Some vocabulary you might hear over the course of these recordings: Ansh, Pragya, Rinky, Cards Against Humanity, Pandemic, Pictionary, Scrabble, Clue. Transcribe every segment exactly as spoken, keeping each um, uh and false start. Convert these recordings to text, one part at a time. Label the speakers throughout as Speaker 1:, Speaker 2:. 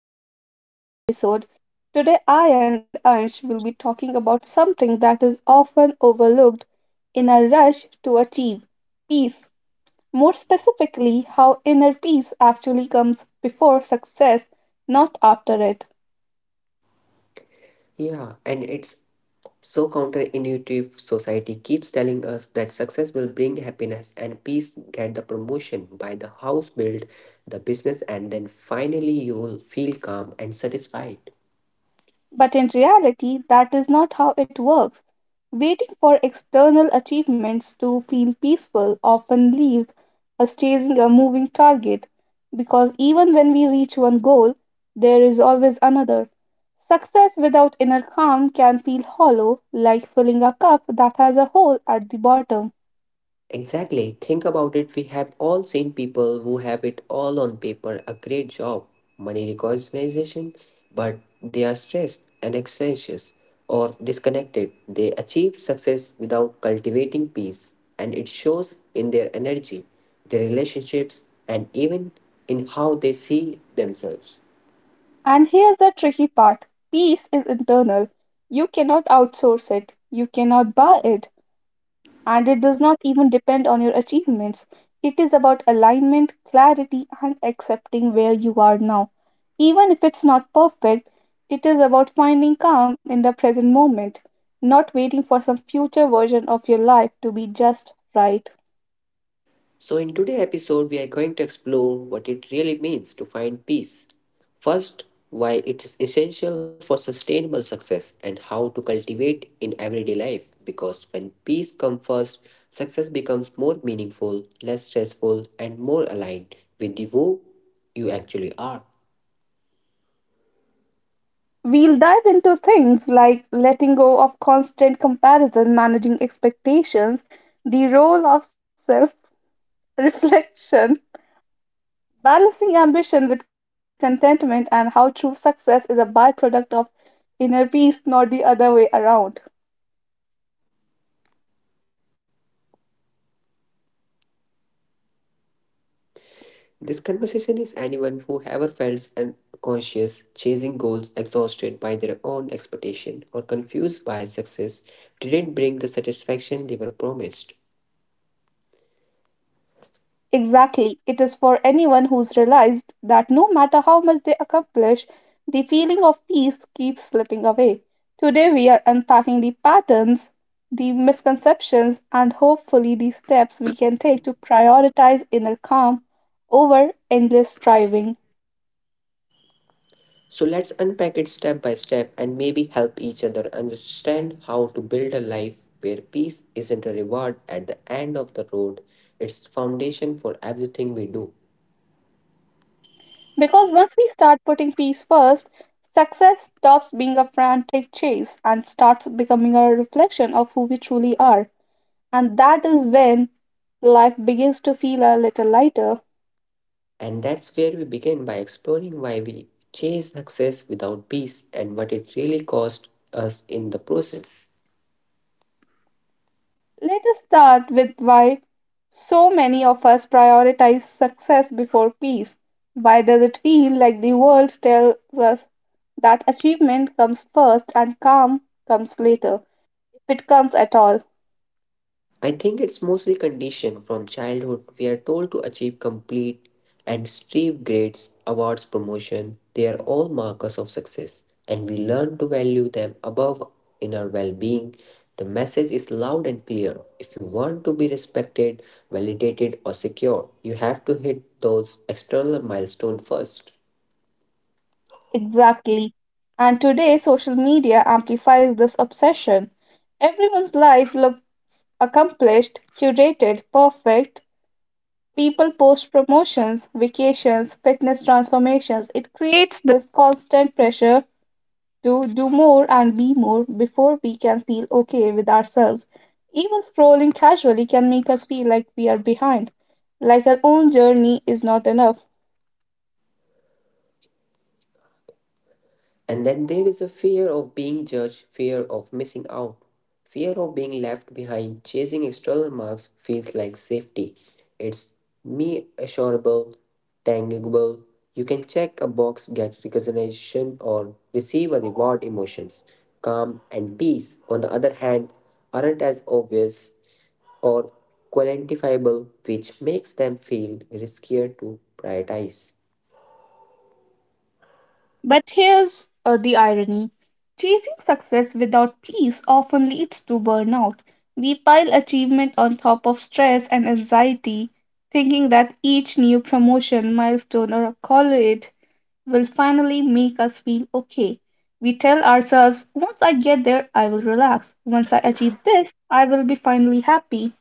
Speaker 1: Welcome back to another episode. Today, I and Ansh will be talking about something that is often overlooked in a rush to achieve peace. More specifically, how inner peace actually comes before success, not after it.
Speaker 2: Yeah, and it's so counterintuitive. Society keeps telling us that success will bring happiness and peace, get the promotion, buy the house, build the business, and then finally you will feel calm and satisfied.
Speaker 1: But in reality, that is not how it works. Waiting for external achievements to feel peaceful often leaves us chasing a moving target because even when we reach one goal, there is always another. Success without inner calm can feel hollow, like filling a cup that has a hole at the bottom.
Speaker 2: Exactly. Think about it. We have all seen people who have it all on paper a great job, money recognition, but they are stressed and anxious or disconnected. They achieve success without cultivating peace, and it shows in their energy, their relationships, and even in how they see themselves.
Speaker 1: And here's the tricky part: peace is internal. You cannot outsource it, you cannot buy it, and it does not even depend on your achievements. It is about alignment, clarity, and accepting where you are now. Even if it's not perfect, it is about finding calm in the present moment, not waiting for some future version of your life to be just right.
Speaker 2: So, in today's episode, we are going to explore what it really means to find peace. First, why it is essential for sustainable success and how to cultivate in everyday life. Because when peace comes first, success becomes more meaningful, less stressful, and more aligned with the who you actually are.
Speaker 1: We'll dive into things like letting go of constant comparison, managing expectations, the role of self reflection, balancing ambition with contentment, and how true success is a byproduct of inner peace, not the other way around.
Speaker 2: This conversation is anyone who ever felt unconscious, chasing goals, exhausted by their own expectation, or confused by success didn't bring the satisfaction they were promised.
Speaker 1: Exactly. It is for anyone who's realized that no matter how much they accomplish, the feeling of peace keeps slipping away. Today, we are unpacking the patterns, the misconceptions, and hopefully the steps we can take to prioritize inner calm over endless striving.
Speaker 2: So let's unpack it step by step and maybe help each other understand how to build a life where peace isn't a reward at the end of the road, it's foundation for everything we do.
Speaker 1: Because once we start putting peace first, success stops being a frantic chase and starts becoming a reflection of who we truly are. And that is when life begins to feel a little lighter.
Speaker 2: And that's where we begin by exploring why we chase success without peace and what it really cost us in the process.
Speaker 1: Let us start with why so many of us prioritize success before peace. Why does it feel like the world tells us that achievement comes first and calm comes later, if it comes at all?
Speaker 2: I think it's mostly conditioned from childhood. We are told to achieve complete and strive grades, awards, promotion. They are all markers of success, and we learn to value them above in our well being. The message is loud and clear. If you want to be respected, validated, or secure, you have to hit those external milestones first.
Speaker 1: Exactly. And today, social media amplifies this obsession. Everyone's life looks accomplished, curated, perfect. People post promotions, vacations, fitness transformations. It creates this constant pressure to do more and be more before we can feel okay with ourselves. Even scrolling casually can make us feel like we are behind, like our own journey is not enough.
Speaker 2: And then there is a fear of being judged, fear of missing out, fear of being left behind. Chasing external marks feels like safety. It's me assurable, tangible. You can check a box, get recognition, or receive a reward. Emotions, calm, and peace, on the other hand, aren't as obvious or quantifiable, which makes them feel riskier to prioritize.
Speaker 1: But here's uh, the irony: chasing success without peace often leads to burnout. We pile achievement on top of stress and anxiety, thinking that each new promotion, milestone, or accolade will finally make us feel okay. We tell ourselves, once I get there, I will relax. Once I achieve this, I will be finally happy.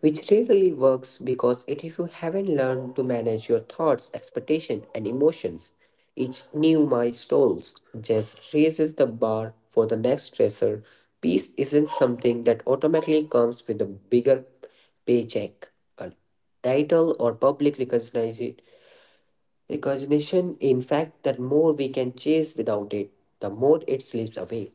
Speaker 2: Which rarely works because it, if you haven't learned to manage your thoughts, expectations, and emotions, each new milestone just raises the bar for the next stressor. Peace isn't something that automatically comes with a bigger paycheck, a title, or public recognition. Recognition, in fact, that more we can chase without it, the more it slips away.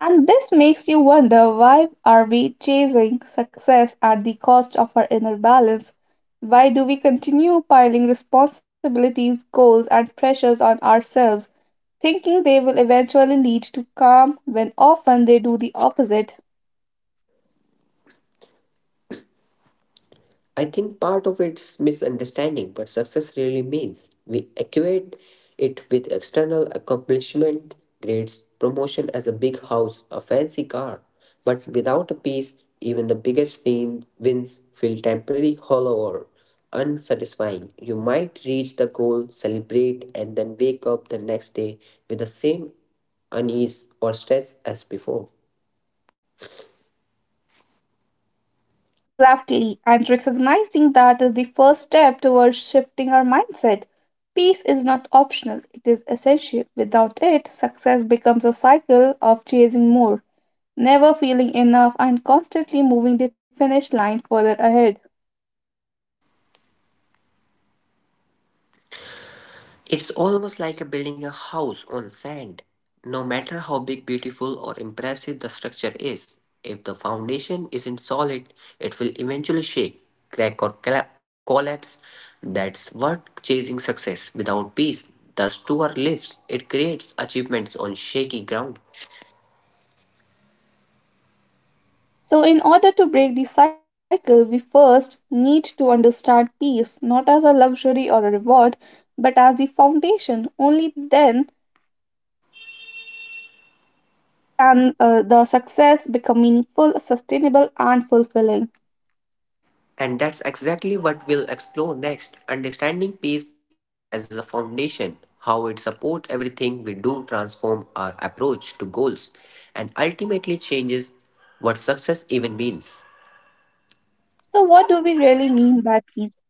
Speaker 1: And this makes you wonder, why are we chasing success at the cost of our inner balance? Why do we continue piling responsibilities, goals, and pressures on ourselves, thinking they will eventually lead to calm when often they do the opposite?
Speaker 2: I think part of it's misunderstanding what success really means. We equate it with external accomplishment, grades, promotion as a big house, a fancy car. But without a peace, even the biggest win- wins feel temporary, hollow, or unsatisfying. You might reach the goal, celebrate, and then wake up the next day with the same unease or stress as before.
Speaker 1: Exactly, and recognizing that is the first step towards shifting our mindset. Peace is not optional, it is essential. Without it, success becomes a cycle of chasing more, never feeling enough, and constantly moving the finish line further ahead.
Speaker 2: It's almost like a building a house on sand. No matter how big, beautiful, or impressive the structure is, if the foundation isn't solid, it will eventually shake, crack, or colla- collapse. That's what chasing success without peace does to our lives. It creates achievements on shaky ground.
Speaker 1: So, in order to break the cycle, we first need to understand peace not as a luxury or a reward, but as the foundation. Only then can uh, the success become meaningful, sustainable, and fulfilling.
Speaker 2: And that's exactly what we'll explore next understanding peace as a foundation, how it supports everything we do, transform our approach to goals, and ultimately changes what success even means.
Speaker 1: So, what do we really mean by peace?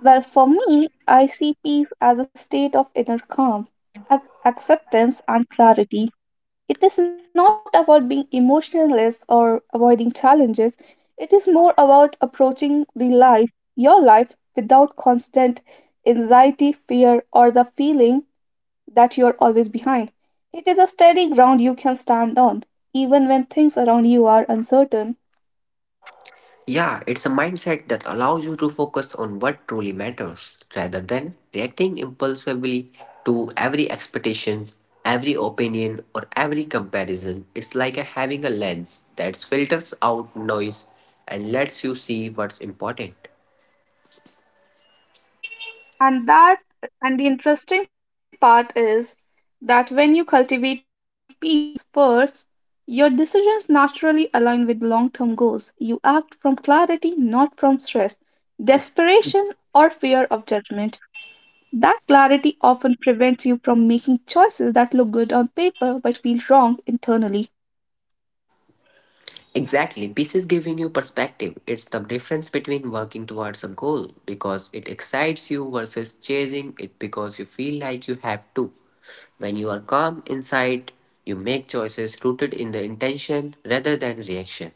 Speaker 1: Well, for me, I see peace as a state of inner calm, ac- acceptance, and clarity. It is not about being emotionless or avoiding challenges. It is more about approaching the life, your life, without constant anxiety, fear, or the feeling that you're always behind. It is a steady ground you can stand on, even when things around you are uncertain.
Speaker 2: Yeah, it's a mindset that allows you to focus on what truly matters rather than reacting impulsively to every expectations, every opinion or every comparison. It's like a- having a lens that filters out noise and lets you see what's important.
Speaker 1: And that and the interesting part is that when you cultivate peace first, your decisions naturally align with long-term goals. You act from clarity, not from stress, desperation, or fear of judgment. That clarity often prevents you from making choices that look good on paper but feel wrong internally.
Speaker 2: Exactly. Peace is giving you perspective. It's the difference between working towards a goal because it excites you versus chasing it because you feel like you have to. When you are calm inside, you make choices rooted in the intention rather than reaction.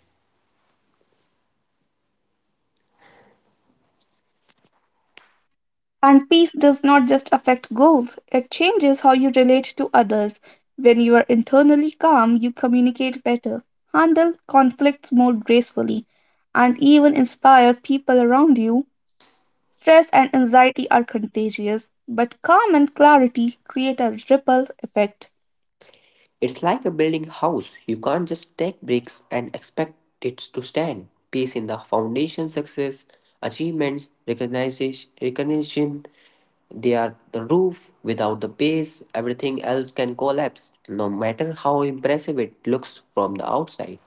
Speaker 1: And peace does not just affect goals, it changes how you relate to others. When you are internally calm, you communicate better, handle conflicts more gracefully, and even inspire people around you. Stress and anxiety are contagious, but calm and clarity create a ripple effect.
Speaker 2: It's like a building house. You can't just take bricks and expect it to stand. Peace in the foundation, success, achievements, recognition, recognition. They are the roof. Without the base, everything else can collapse, no matter how impressive it looks from the outside.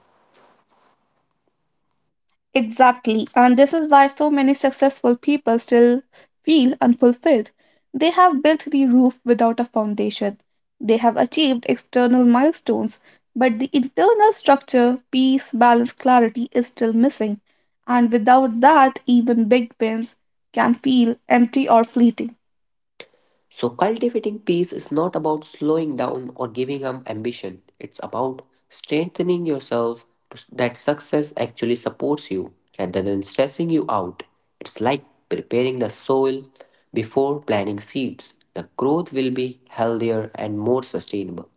Speaker 1: Exactly. And this is why so many successful people still feel unfulfilled. They have built the roof without a foundation. They have achieved external milestones, but the internal structure, peace, balance, clarity, is still missing. And without that, even big wins can feel empty or fleeting.
Speaker 2: So, cultivating peace is not about slowing down or giving up ambition. It's about strengthening yourself to, that success actually supports you rather than stressing you out. It's like preparing the soil before planting seeds. The growth will be healthier and more sustainable.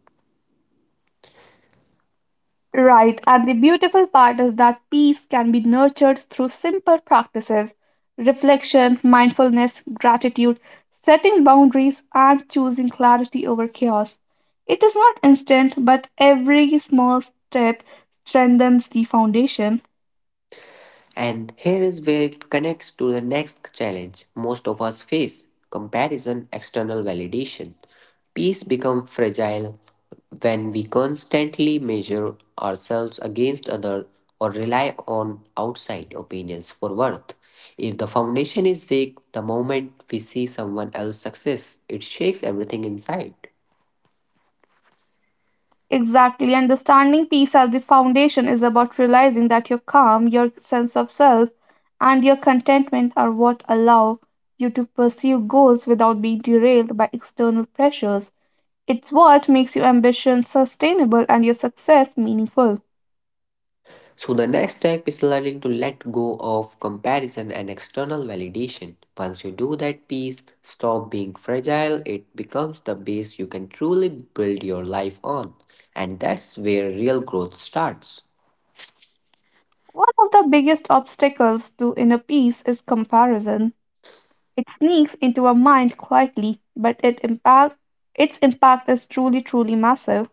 Speaker 1: Right, and the beautiful part is that peace can be nurtured through simple practices: reflection, mindfulness, gratitude, setting boundaries, and choosing clarity over chaos. It is not instant, but every small step strengthens the foundation.
Speaker 2: And here is where it connects to the next challenge most of us face comparison, external validation. Peace becomes fragile when we constantly measure ourselves against others or rely on outside opinions for worth. If the foundation is weak, the moment we see someone else's success, it shakes everything inside.
Speaker 1: Exactly, and the standing peace as the foundation is about realizing that your calm, your sense of self, and your contentment are what allow you to pursue goals without being derailed by external pressures. It's what makes your ambition sustainable and your success meaningful.
Speaker 2: So the next step is learning to let go of comparison and external validation. Once you do that piece, stop being fragile, it becomes the base you can truly build your life on. And that's where real growth starts.
Speaker 1: One of the biggest obstacles to inner peace is comparison. It sneaks into our mind quietly, but it impact, its impact is truly, truly massive.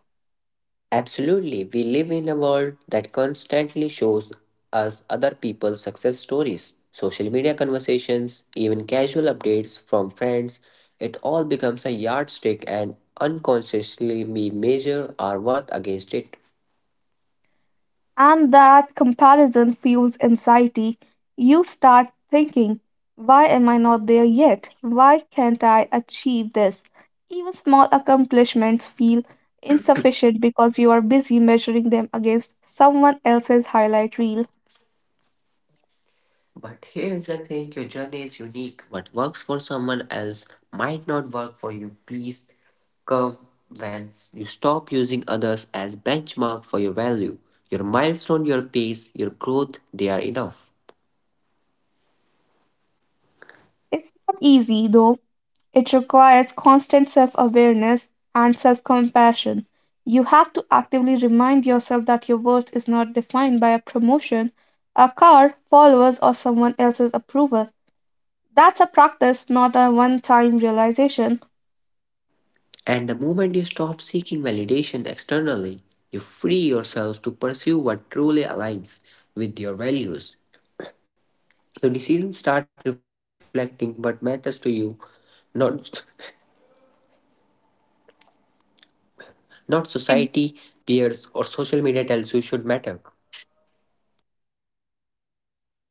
Speaker 2: Absolutely, we live in a world that constantly shows us other people's success stories. Social media conversations, even casual updates from friends, it all becomes a yardstick and unconsciously we measure our worth against it.
Speaker 1: And that comparison fuels anxiety. You start thinking, why am I not there yet? Why can't I achieve this? Even small accomplishments feel insufficient because you are busy measuring them against someone else's highlight reel.
Speaker 2: But here's the thing your journey is unique. What works for someone else might not work for you. Please come when you stop using others as benchmark for your value. Your milestone, your pace, your growth, they are enough.
Speaker 1: It's not easy though. It requires constant self awareness and self compassion. You have to actively remind yourself that your worth is not defined by a promotion, a car, followers, or someone else's approval. That's a practice, not a one time realization.
Speaker 2: And the moment you stop seeking validation externally, you free yourself to pursue what truly aligns with your values. Your decisions start reflecting what matters to you, not Not society,
Speaker 1: Ex-
Speaker 2: peers, or social media tells you should matter.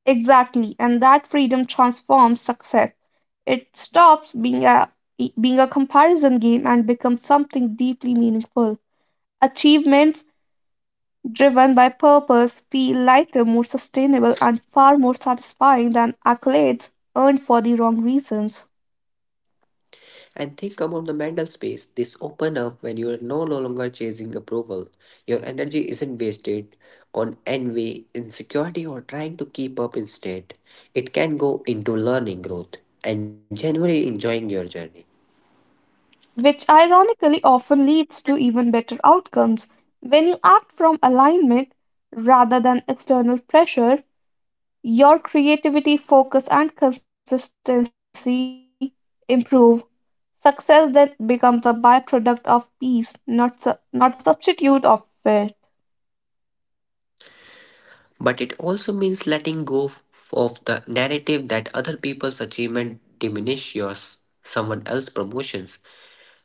Speaker 1: Exactly, and that freedom transforms success. It stops being a being a comparison game and becomes something deeply meaningful. Achievements driven by purpose feel lighter, more sustainable, and far more satisfying than accolades earned for the wrong reasons,
Speaker 2: And think about the mental space this opens up when you are no no longer chasing approval. Your energy isn't wasted on envy, insecurity, or trying to keep up instead. It can go into learning, growth, and genuinely enjoying your journey.
Speaker 1: which ironically often leads to even better outcomes. When you act from alignment rather than external pressure, your creativity, focus, and consistency improve. Success then becomes a byproduct of peace, not, su- not a substitute of it.
Speaker 2: But it also means letting go f- of the narrative that other people's achievement diminish yours, someone else's promotions.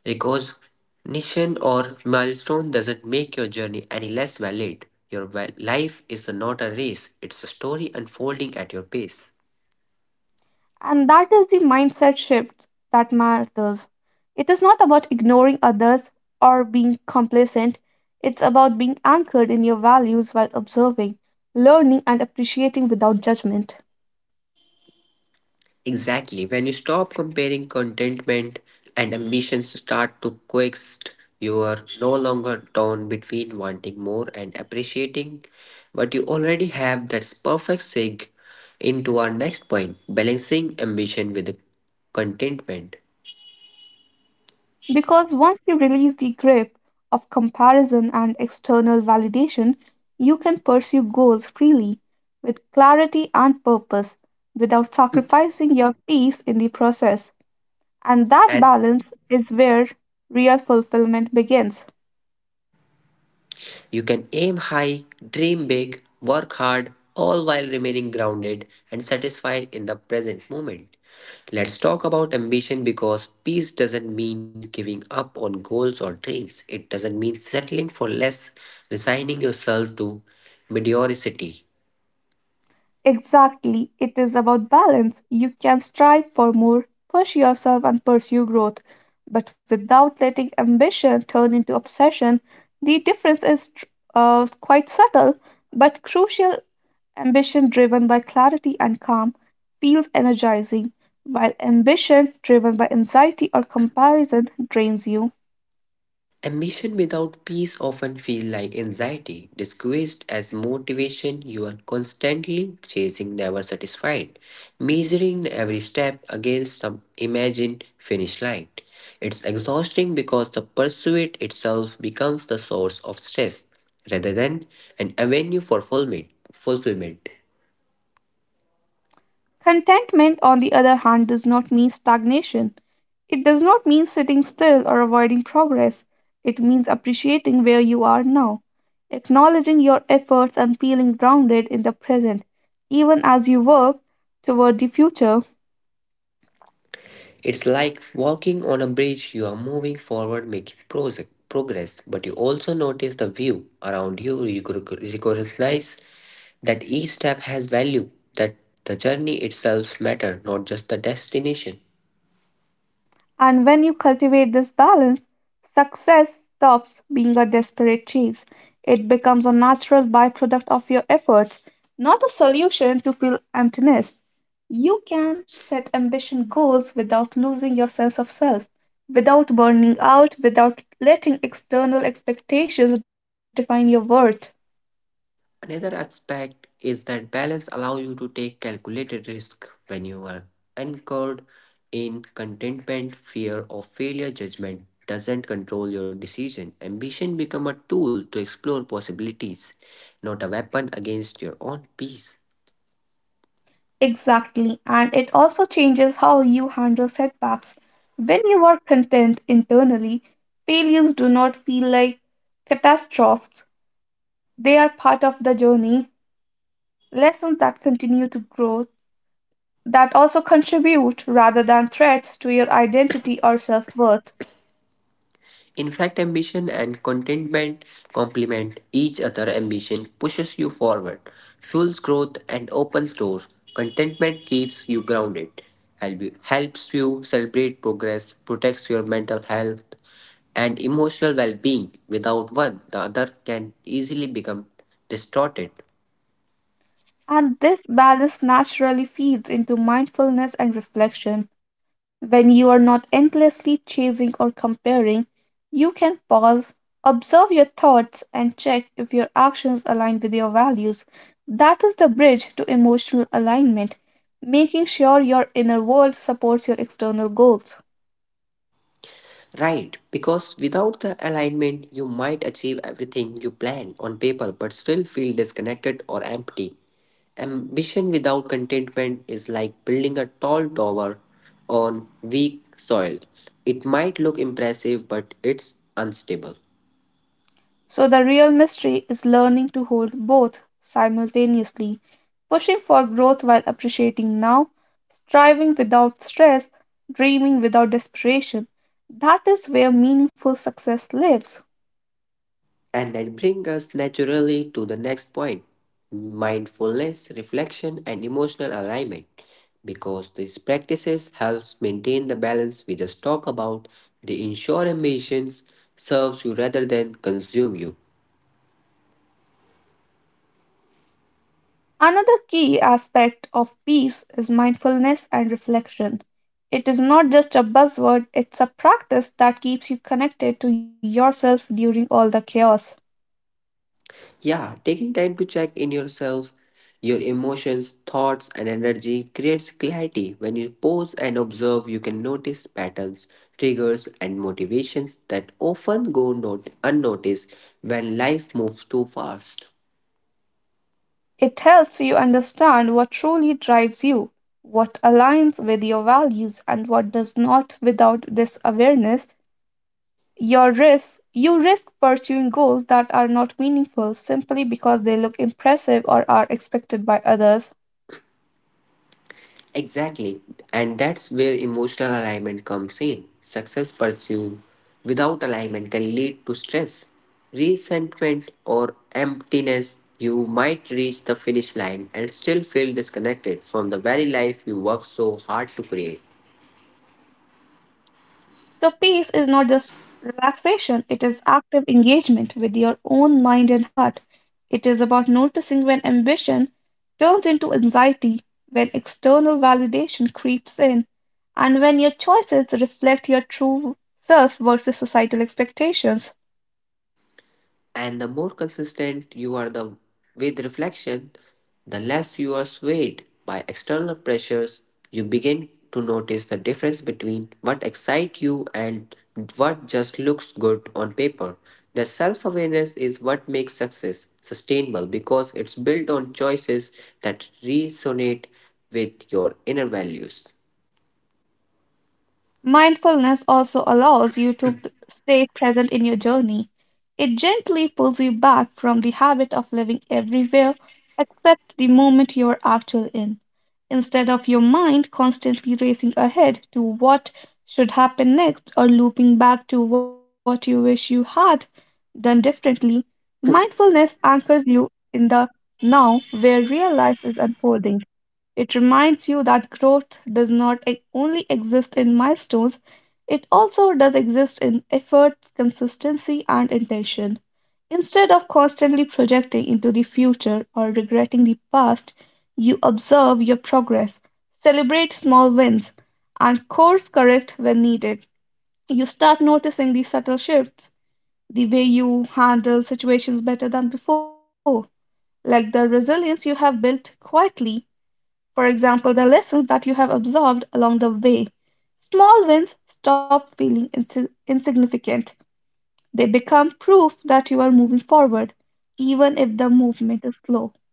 Speaker 2: Recognition or milestone doesn't make your journey any less valid. Your wa- life is not a race, it's a story unfolding at your pace.
Speaker 1: And that is the mindset shift that matters. It is not about ignoring others or being complacent, it's about being anchored in your values while observing, learning, and appreciating without judgment.
Speaker 2: Exactly. When you stop comparing contentment and ambitions start to coexist, you are no longer torn between wanting more and appreciating what you already have. That's perfect sig into our next point balancing ambition with contentment.
Speaker 1: Because once you release the grip of comparison and external validation, you can pursue goals freely with clarity and purpose without sacrificing your peace in the process. And that
Speaker 2: And
Speaker 1: balance is where real fulfillment begins.
Speaker 2: you can aim high, dream big, work hard, all while remaining grounded and satisfied in the present moment. Let's talk about ambition because peace doesn't mean giving up on goals or dreams. It doesn't mean settling for less, resigning yourself to mediocrity.
Speaker 1: Exactly, it is about balance. You can strive for more, push yourself, and pursue growth. But without letting ambition turn into obsession, the difference is tr- uh, quite subtle but crucial. Ambition driven by clarity and calm feels energizing, while ambition driven by anxiety or comparison drains you.
Speaker 2: Ambition without peace often feels like anxiety, disguised as motivation. You are constantly chasing, never satisfied, measuring every step against some imagined finish line. It's exhausting because the pursuit itself becomes the source of stress rather than an avenue for fulfillment. fulfillment.
Speaker 1: Contentment, on the other hand, does not mean stagnation. It does not mean sitting still or avoiding progress. It means appreciating where you are now, acknowledging your efforts and feeling grounded in the present, even as you work toward the future.
Speaker 2: It's like walking on a bridge, you are moving forward, making prose- progress, but you also notice the view around you, you rec- recognize that each step has value, that the journey itself matters, not just the destination.
Speaker 1: And when you cultivate this balance, success stops being a desperate chase. It becomes a natural byproduct of your efforts, not a solution to fill emptiness. You can set ambition goals without losing your sense of self, without burning out, without letting external expectations define your worth.
Speaker 2: Another aspect is that balance allows you to take calculated risk when you are anchored in contentment, fear of failure, judgment doesn't control your decision. Ambition become a tool to explore possibilities, not a weapon against your own peace.
Speaker 1: Exactly, and it also changes how you handle setbacks. When you are content internally, failures do not feel like catastrophes. They are part of the journey, lessons that continue to grow, that also contribute rather than threats to your identity or self worth.
Speaker 2: In fact, ambition and contentment complement each other. Ambition pushes you forward, fuels growth, and opens doors. Contentment keeps you grounded, help you- helps you celebrate progress, protects your mental health and emotional well being. Without one, the other can easily become distorted.
Speaker 1: And this balance naturally feeds into mindfulness and reflection. When you are not endlessly chasing or comparing, you can pause, observe your thoughts, and check if your actions align with your values. That is the bridge to emotional alignment, making sure your inner world supports your external goals.
Speaker 2: Right, because without the alignment, you might achieve everything you plan on paper but still feel disconnected or empty. Ambition without contentment is like building a tall tower on weak soil. It might look impressive, but it's unstable.
Speaker 1: So, the real mystery is learning to hold both simultaneously, pushing for growth while appreciating now, striving without stress, dreaming without desperation. That is where meaningful success lives.
Speaker 2: And that brings us naturally to the next point mindfulness, reflection, and emotional alignment. Because these practices helps maintain the balance we just talked about, they ensure ambitions serves you rather than consume you.
Speaker 1: Another key aspect of peace is mindfulness and reflection. It is not just a buzzword, it's a practice that keeps you connected to yourself during all the chaos.
Speaker 2: Yeah, taking time to check in yourself, your emotions, thoughts, and energy creates clarity. When you pause and observe, you can notice patterns, triggers, and motivations that often go not- unnoticed when life moves too fast.
Speaker 1: It helps you understand what truly drives you, what aligns with your values, and what does not. Without this awareness, your risk, you risk pursuing goals that are not meaningful simply because they look impressive or are expected by others.
Speaker 2: Exactly. And that's where emotional alignment comes in. Success pursued without alignment can lead to stress, resentment, or emptiness. You might reach the finish line and still feel disconnected from the very life you worked so hard to create.
Speaker 1: So, peace is not just relaxation, it is active engagement with your own mind and heart. It is about noticing when ambition turns into anxiety, when external validation creeps in, and when your choices reflect your true self versus societal expectations.
Speaker 2: And the more consistent you are the, with reflection, the less you are swayed by external pressures. You begin to notice the difference between what excites you and what just looks good on paper. The self awareness is what makes success sustainable because it's built on choices that resonate with your inner values.
Speaker 1: Mindfulness also allows you to p- stay present in your journey. It gently pulls you back from the habit of living everywhere except the moment you are actually in, instead of your mind constantly racing ahead to what should happen next or looping back to what you wish you had done differently. Mindfulness anchors you in the now where real life is unfolding. It reminds you that growth does not e- only exist in milestones, it also does exist in effort, consistency, and intention. Instead of constantly projecting into the future or regretting the past, you observe your progress, celebrate small wins, and course correct when needed. You start noticing the subtle shifts, the way you handle situations better than before, like the resilience you have built quietly, for example, the lessons that you have absorbed along the way. Small wins stop feeling insi- insignificant. They become proof that you are moving forward, even if the movement is slow.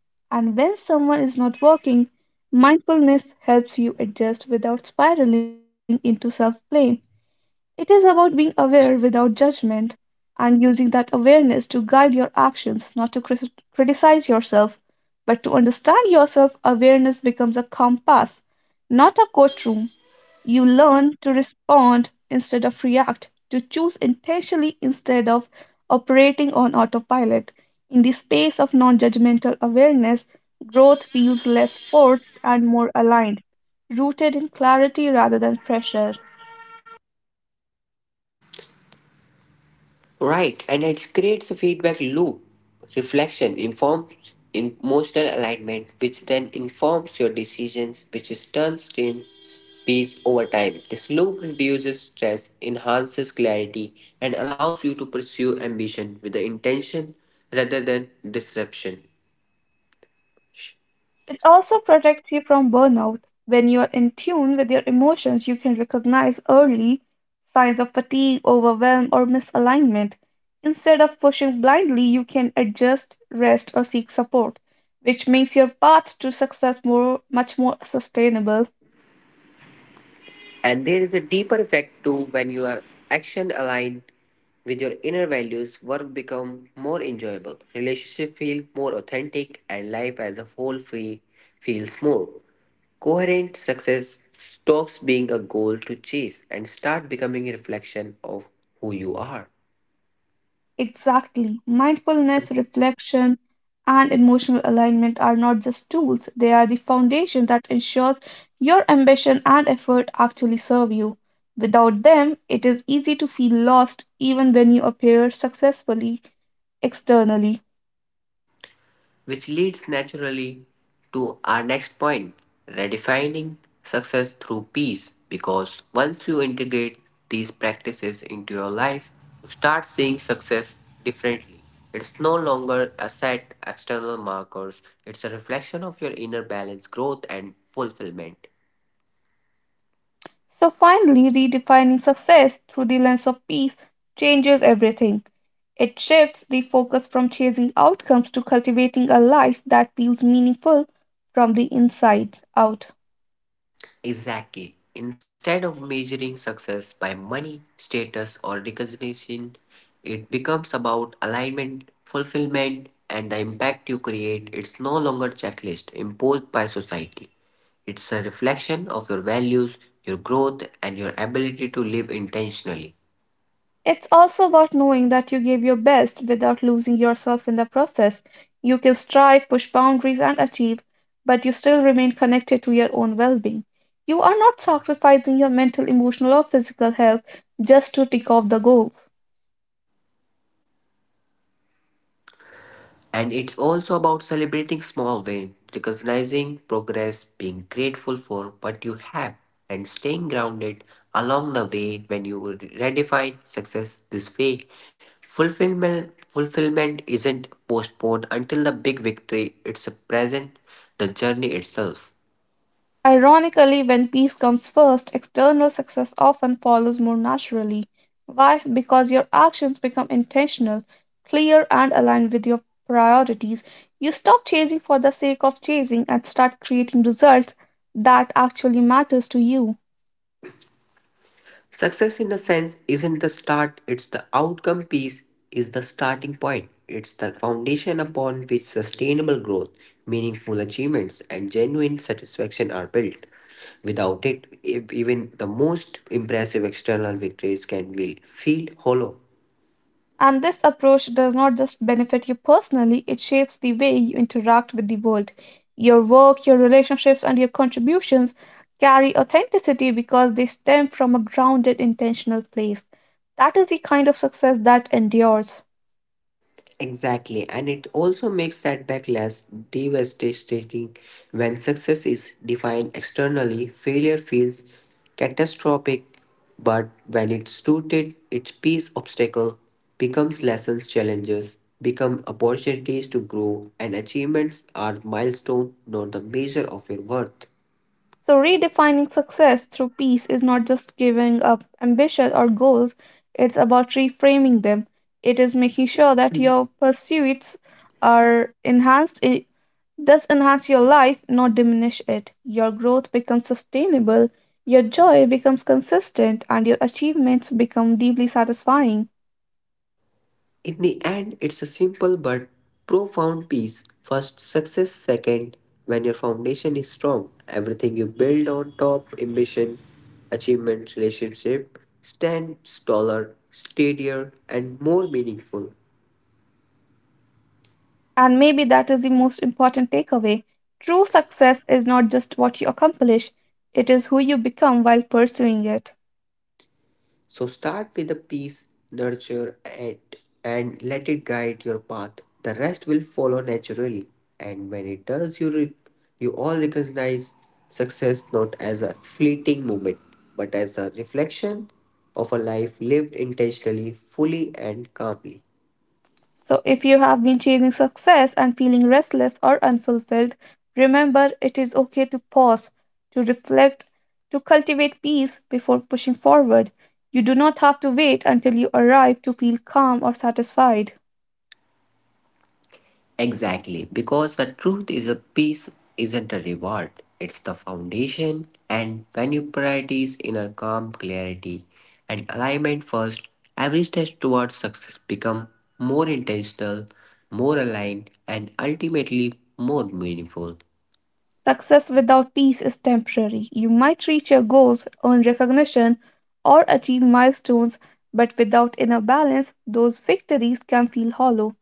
Speaker 1: And when someone is not working, mindfulness helps you adjust without spiraling into self blame. It is about being aware without judgment and using that awareness to guide your actions, not to cris- criticize yourself, but to understand yourself. Awareness becomes a compass, not a courtroom. You learn to respond instead of react, to choose intentionally instead of operating on autopilot. In the space of non judgmental awareness, growth feels less forced and more aligned, rooted in clarity rather than pressure.
Speaker 2: Right, and it creates a feedback loop. Reflection informs emotional alignment, which then informs your decisions, which is turns things peace over time. This loop reduces stress, enhances clarity, and allows you to pursue ambition with the intention rather than disruption.
Speaker 1: It also protects you from burnout. When you're in tune with your emotions, you can recognize early signs of fatigue, overwhelm, or misalignment. Instead of pushing blindly, you can adjust, rest, or seek support, which makes your path to success more, much more sustainable.
Speaker 2: And there is a deeper effect too when your action aligned with your inner values, work become more enjoyable, relationship feel more authentic, and life as a whole feel, feels more coherent. Success stops being a goal to chase and start becoming a reflection of who you are.
Speaker 1: Exactly. Mindfulness, reflection, and emotional alignment are not just tools, they are the foundation that ensures your ambition and effort actually serve you. Without them, it is easy to feel lost even when you appear successfully externally.
Speaker 2: Which leads naturally to our next point redefining success through peace. Because once you integrate these practices into your life, you start seeing success differently. It's no longer a set external markers, it's a reflection of your inner balance, growth, and fulfillment.
Speaker 1: So, finally, redefining success through the lens of peace changes everything. It shifts the focus from chasing outcomes to cultivating a life that feels meaningful from the inside out.
Speaker 2: Exactly. Instead of measuring success by money, status, or recognition, it becomes about alignment, fulfillment, and the impact you create. It's no longer checklist imposed by society. It's a reflection of your values, your growth, and your ability to live intentionally.
Speaker 1: It's also about knowing that you gave your best without losing yourself in the process. You can strive, push boundaries, and achieve, but you still remain connected to your own well being. You are not sacrificing your mental, emotional, or physical health just to tick off the goals.
Speaker 2: And it's also about celebrating small wins, recognizing progress, being grateful for what you have, and staying grounded along the way when you redefine success this way. Fulfillment, fulfillment isn't postponed until the big victory, it's present the journey itself.
Speaker 1: Ironically, when peace comes first, external success often follows more naturally. Why? Because your actions become intentional, clear, and aligned with your priorities. You stop chasing for the sake of chasing and start creating results that actually matters to you.
Speaker 2: Success in the sense isn't the start, it's the outcome piece is the starting point. It's the foundation upon which sustainable growth, meaningful achievements and genuine satisfaction are built. Without it, if even the most impressive external victories can be feel hollow.
Speaker 1: And this approach does not just benefit you personally, it shapes the way you interact with the world. Your work, your relationships, and your contributions carry authenticity because they stem from a grounded, intentional place. That is the kind of success that endures.
Speaker 2: Exactly, and it also makes setback less devastating when success is defined externally. Failure feels catastrophic, but when it's rooted, its peace obstacle becomes lessons, challenges become opportunities to grow, and achievements are milestone, not the measure of your worth.
Speaker 1: So, redefining success through peace is not just giving up ambition or goals, it's about reframing them. It is making sure that your pursuits are enhanced, i- thus enhance your life, not diminish it. Your growth becomes sustainable, your joy becomes consistent, and your achievements become deeply satisfying.
Speaker 2: In the end, it's a simple but profound piece. First, success. Second, when your foundation is strong, everything you build on top, ambition, achievement, relationship, stands taller, steadier, and more meaningful.
Speaker 1: And maybe that is the most important takeaway. True success is not just what you accomplish, it is who you become while pursuing it.
Speaker 2: So start with the peace, nurture it, and let it guide your path. The rest will follow naturally. And when it does, you, re- you all recognize success not as a fleeting moment, but as a reflection of a life lived intentionally, fully, and calmly.
Speaker 1: So, if you have been chasing success and feeling restless or unfulfilled, remember it is okay to pause, to reflect, to cultivate peace before pushing forward. You do not have to wait until you arrive to feel calm or satisfied.
Speaker 2: Exactly, because the truth is a peace isn't a reward, it's the foundation. And when you prioritize inner calm, clarity, and alignment first, every step towards success become more intentional, more aligned, and ultimately more meaningful.
Speaker 1: Success without peace is temporary. You might reach your goals, earn recognition, or achieve milestones, but without inner balance, those victories can feel hollow.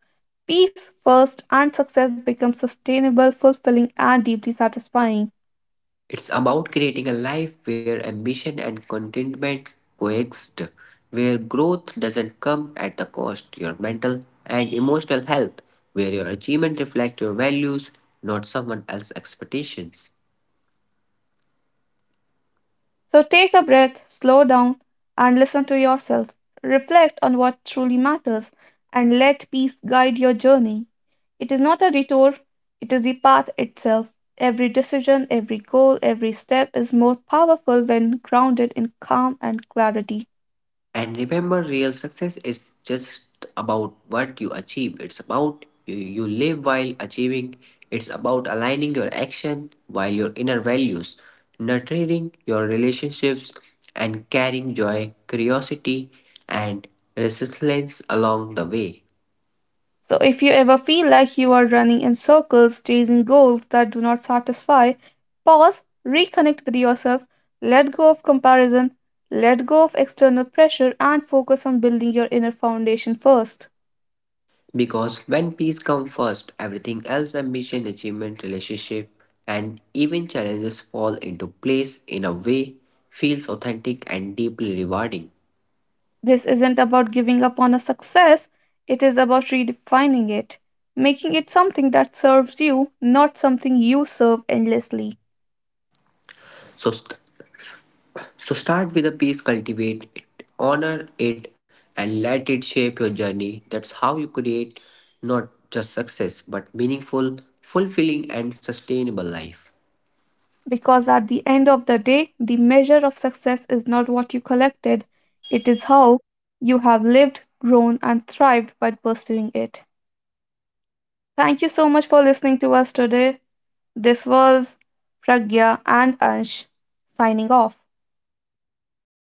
Speaker 1: Peace first, and success becomes sustainable, fulfilling, and deeply satisfying.
Speaker 2: It's about creating a life where ambition and contentment coexist, where growth doesn't come at the cost your mental and emotional health, where your achievement reflect your values, not someone else's expectations.
Speaker 1: So take a breath, slow down, and listen to yourself. Reflect on what truly matters, and let peace guide your journey. It is not a detour, it is the path itself. Every decision, every goal, every step is more powerful when grounded in calm and clarity.
Speaker 2: And remember, real success is just about what you achieve. It's about you, you live while achieving. It's about aligning your action while your inner values, nurturing your relationships, and carrying joy, curiosity, and resilience along the way.
Speaker 1: So, if you ever feel like you are running in circles, chasing goals that do not satisfy, pause, reconnect with yourself, let go of comparison, let go of external pressure, and focus on building your inner foundation first.
Speaker 2: Because when peace comes first, everything else ambition, achievement, relationship, and even challenges fall into place in a way feels authentic and deeply rewarding.
Speaker 1: This isn't about giving up on a success, it is about redefining it, making it something that serves you, not something you serve endlessly.
Speaker 2: So, st- So start with a piece, cultivate it, honor it, and let it shape your journey. That's how you create not just success, but meaningful, fulfilling, and sustainable life.
Speaker 1: Because at the end of the day, the measure of success is not what you collected, it is how you have lived, grown, and thrived by pursuing it. Thank you so much for listening to us today. This was Pragya and Ansh signing off.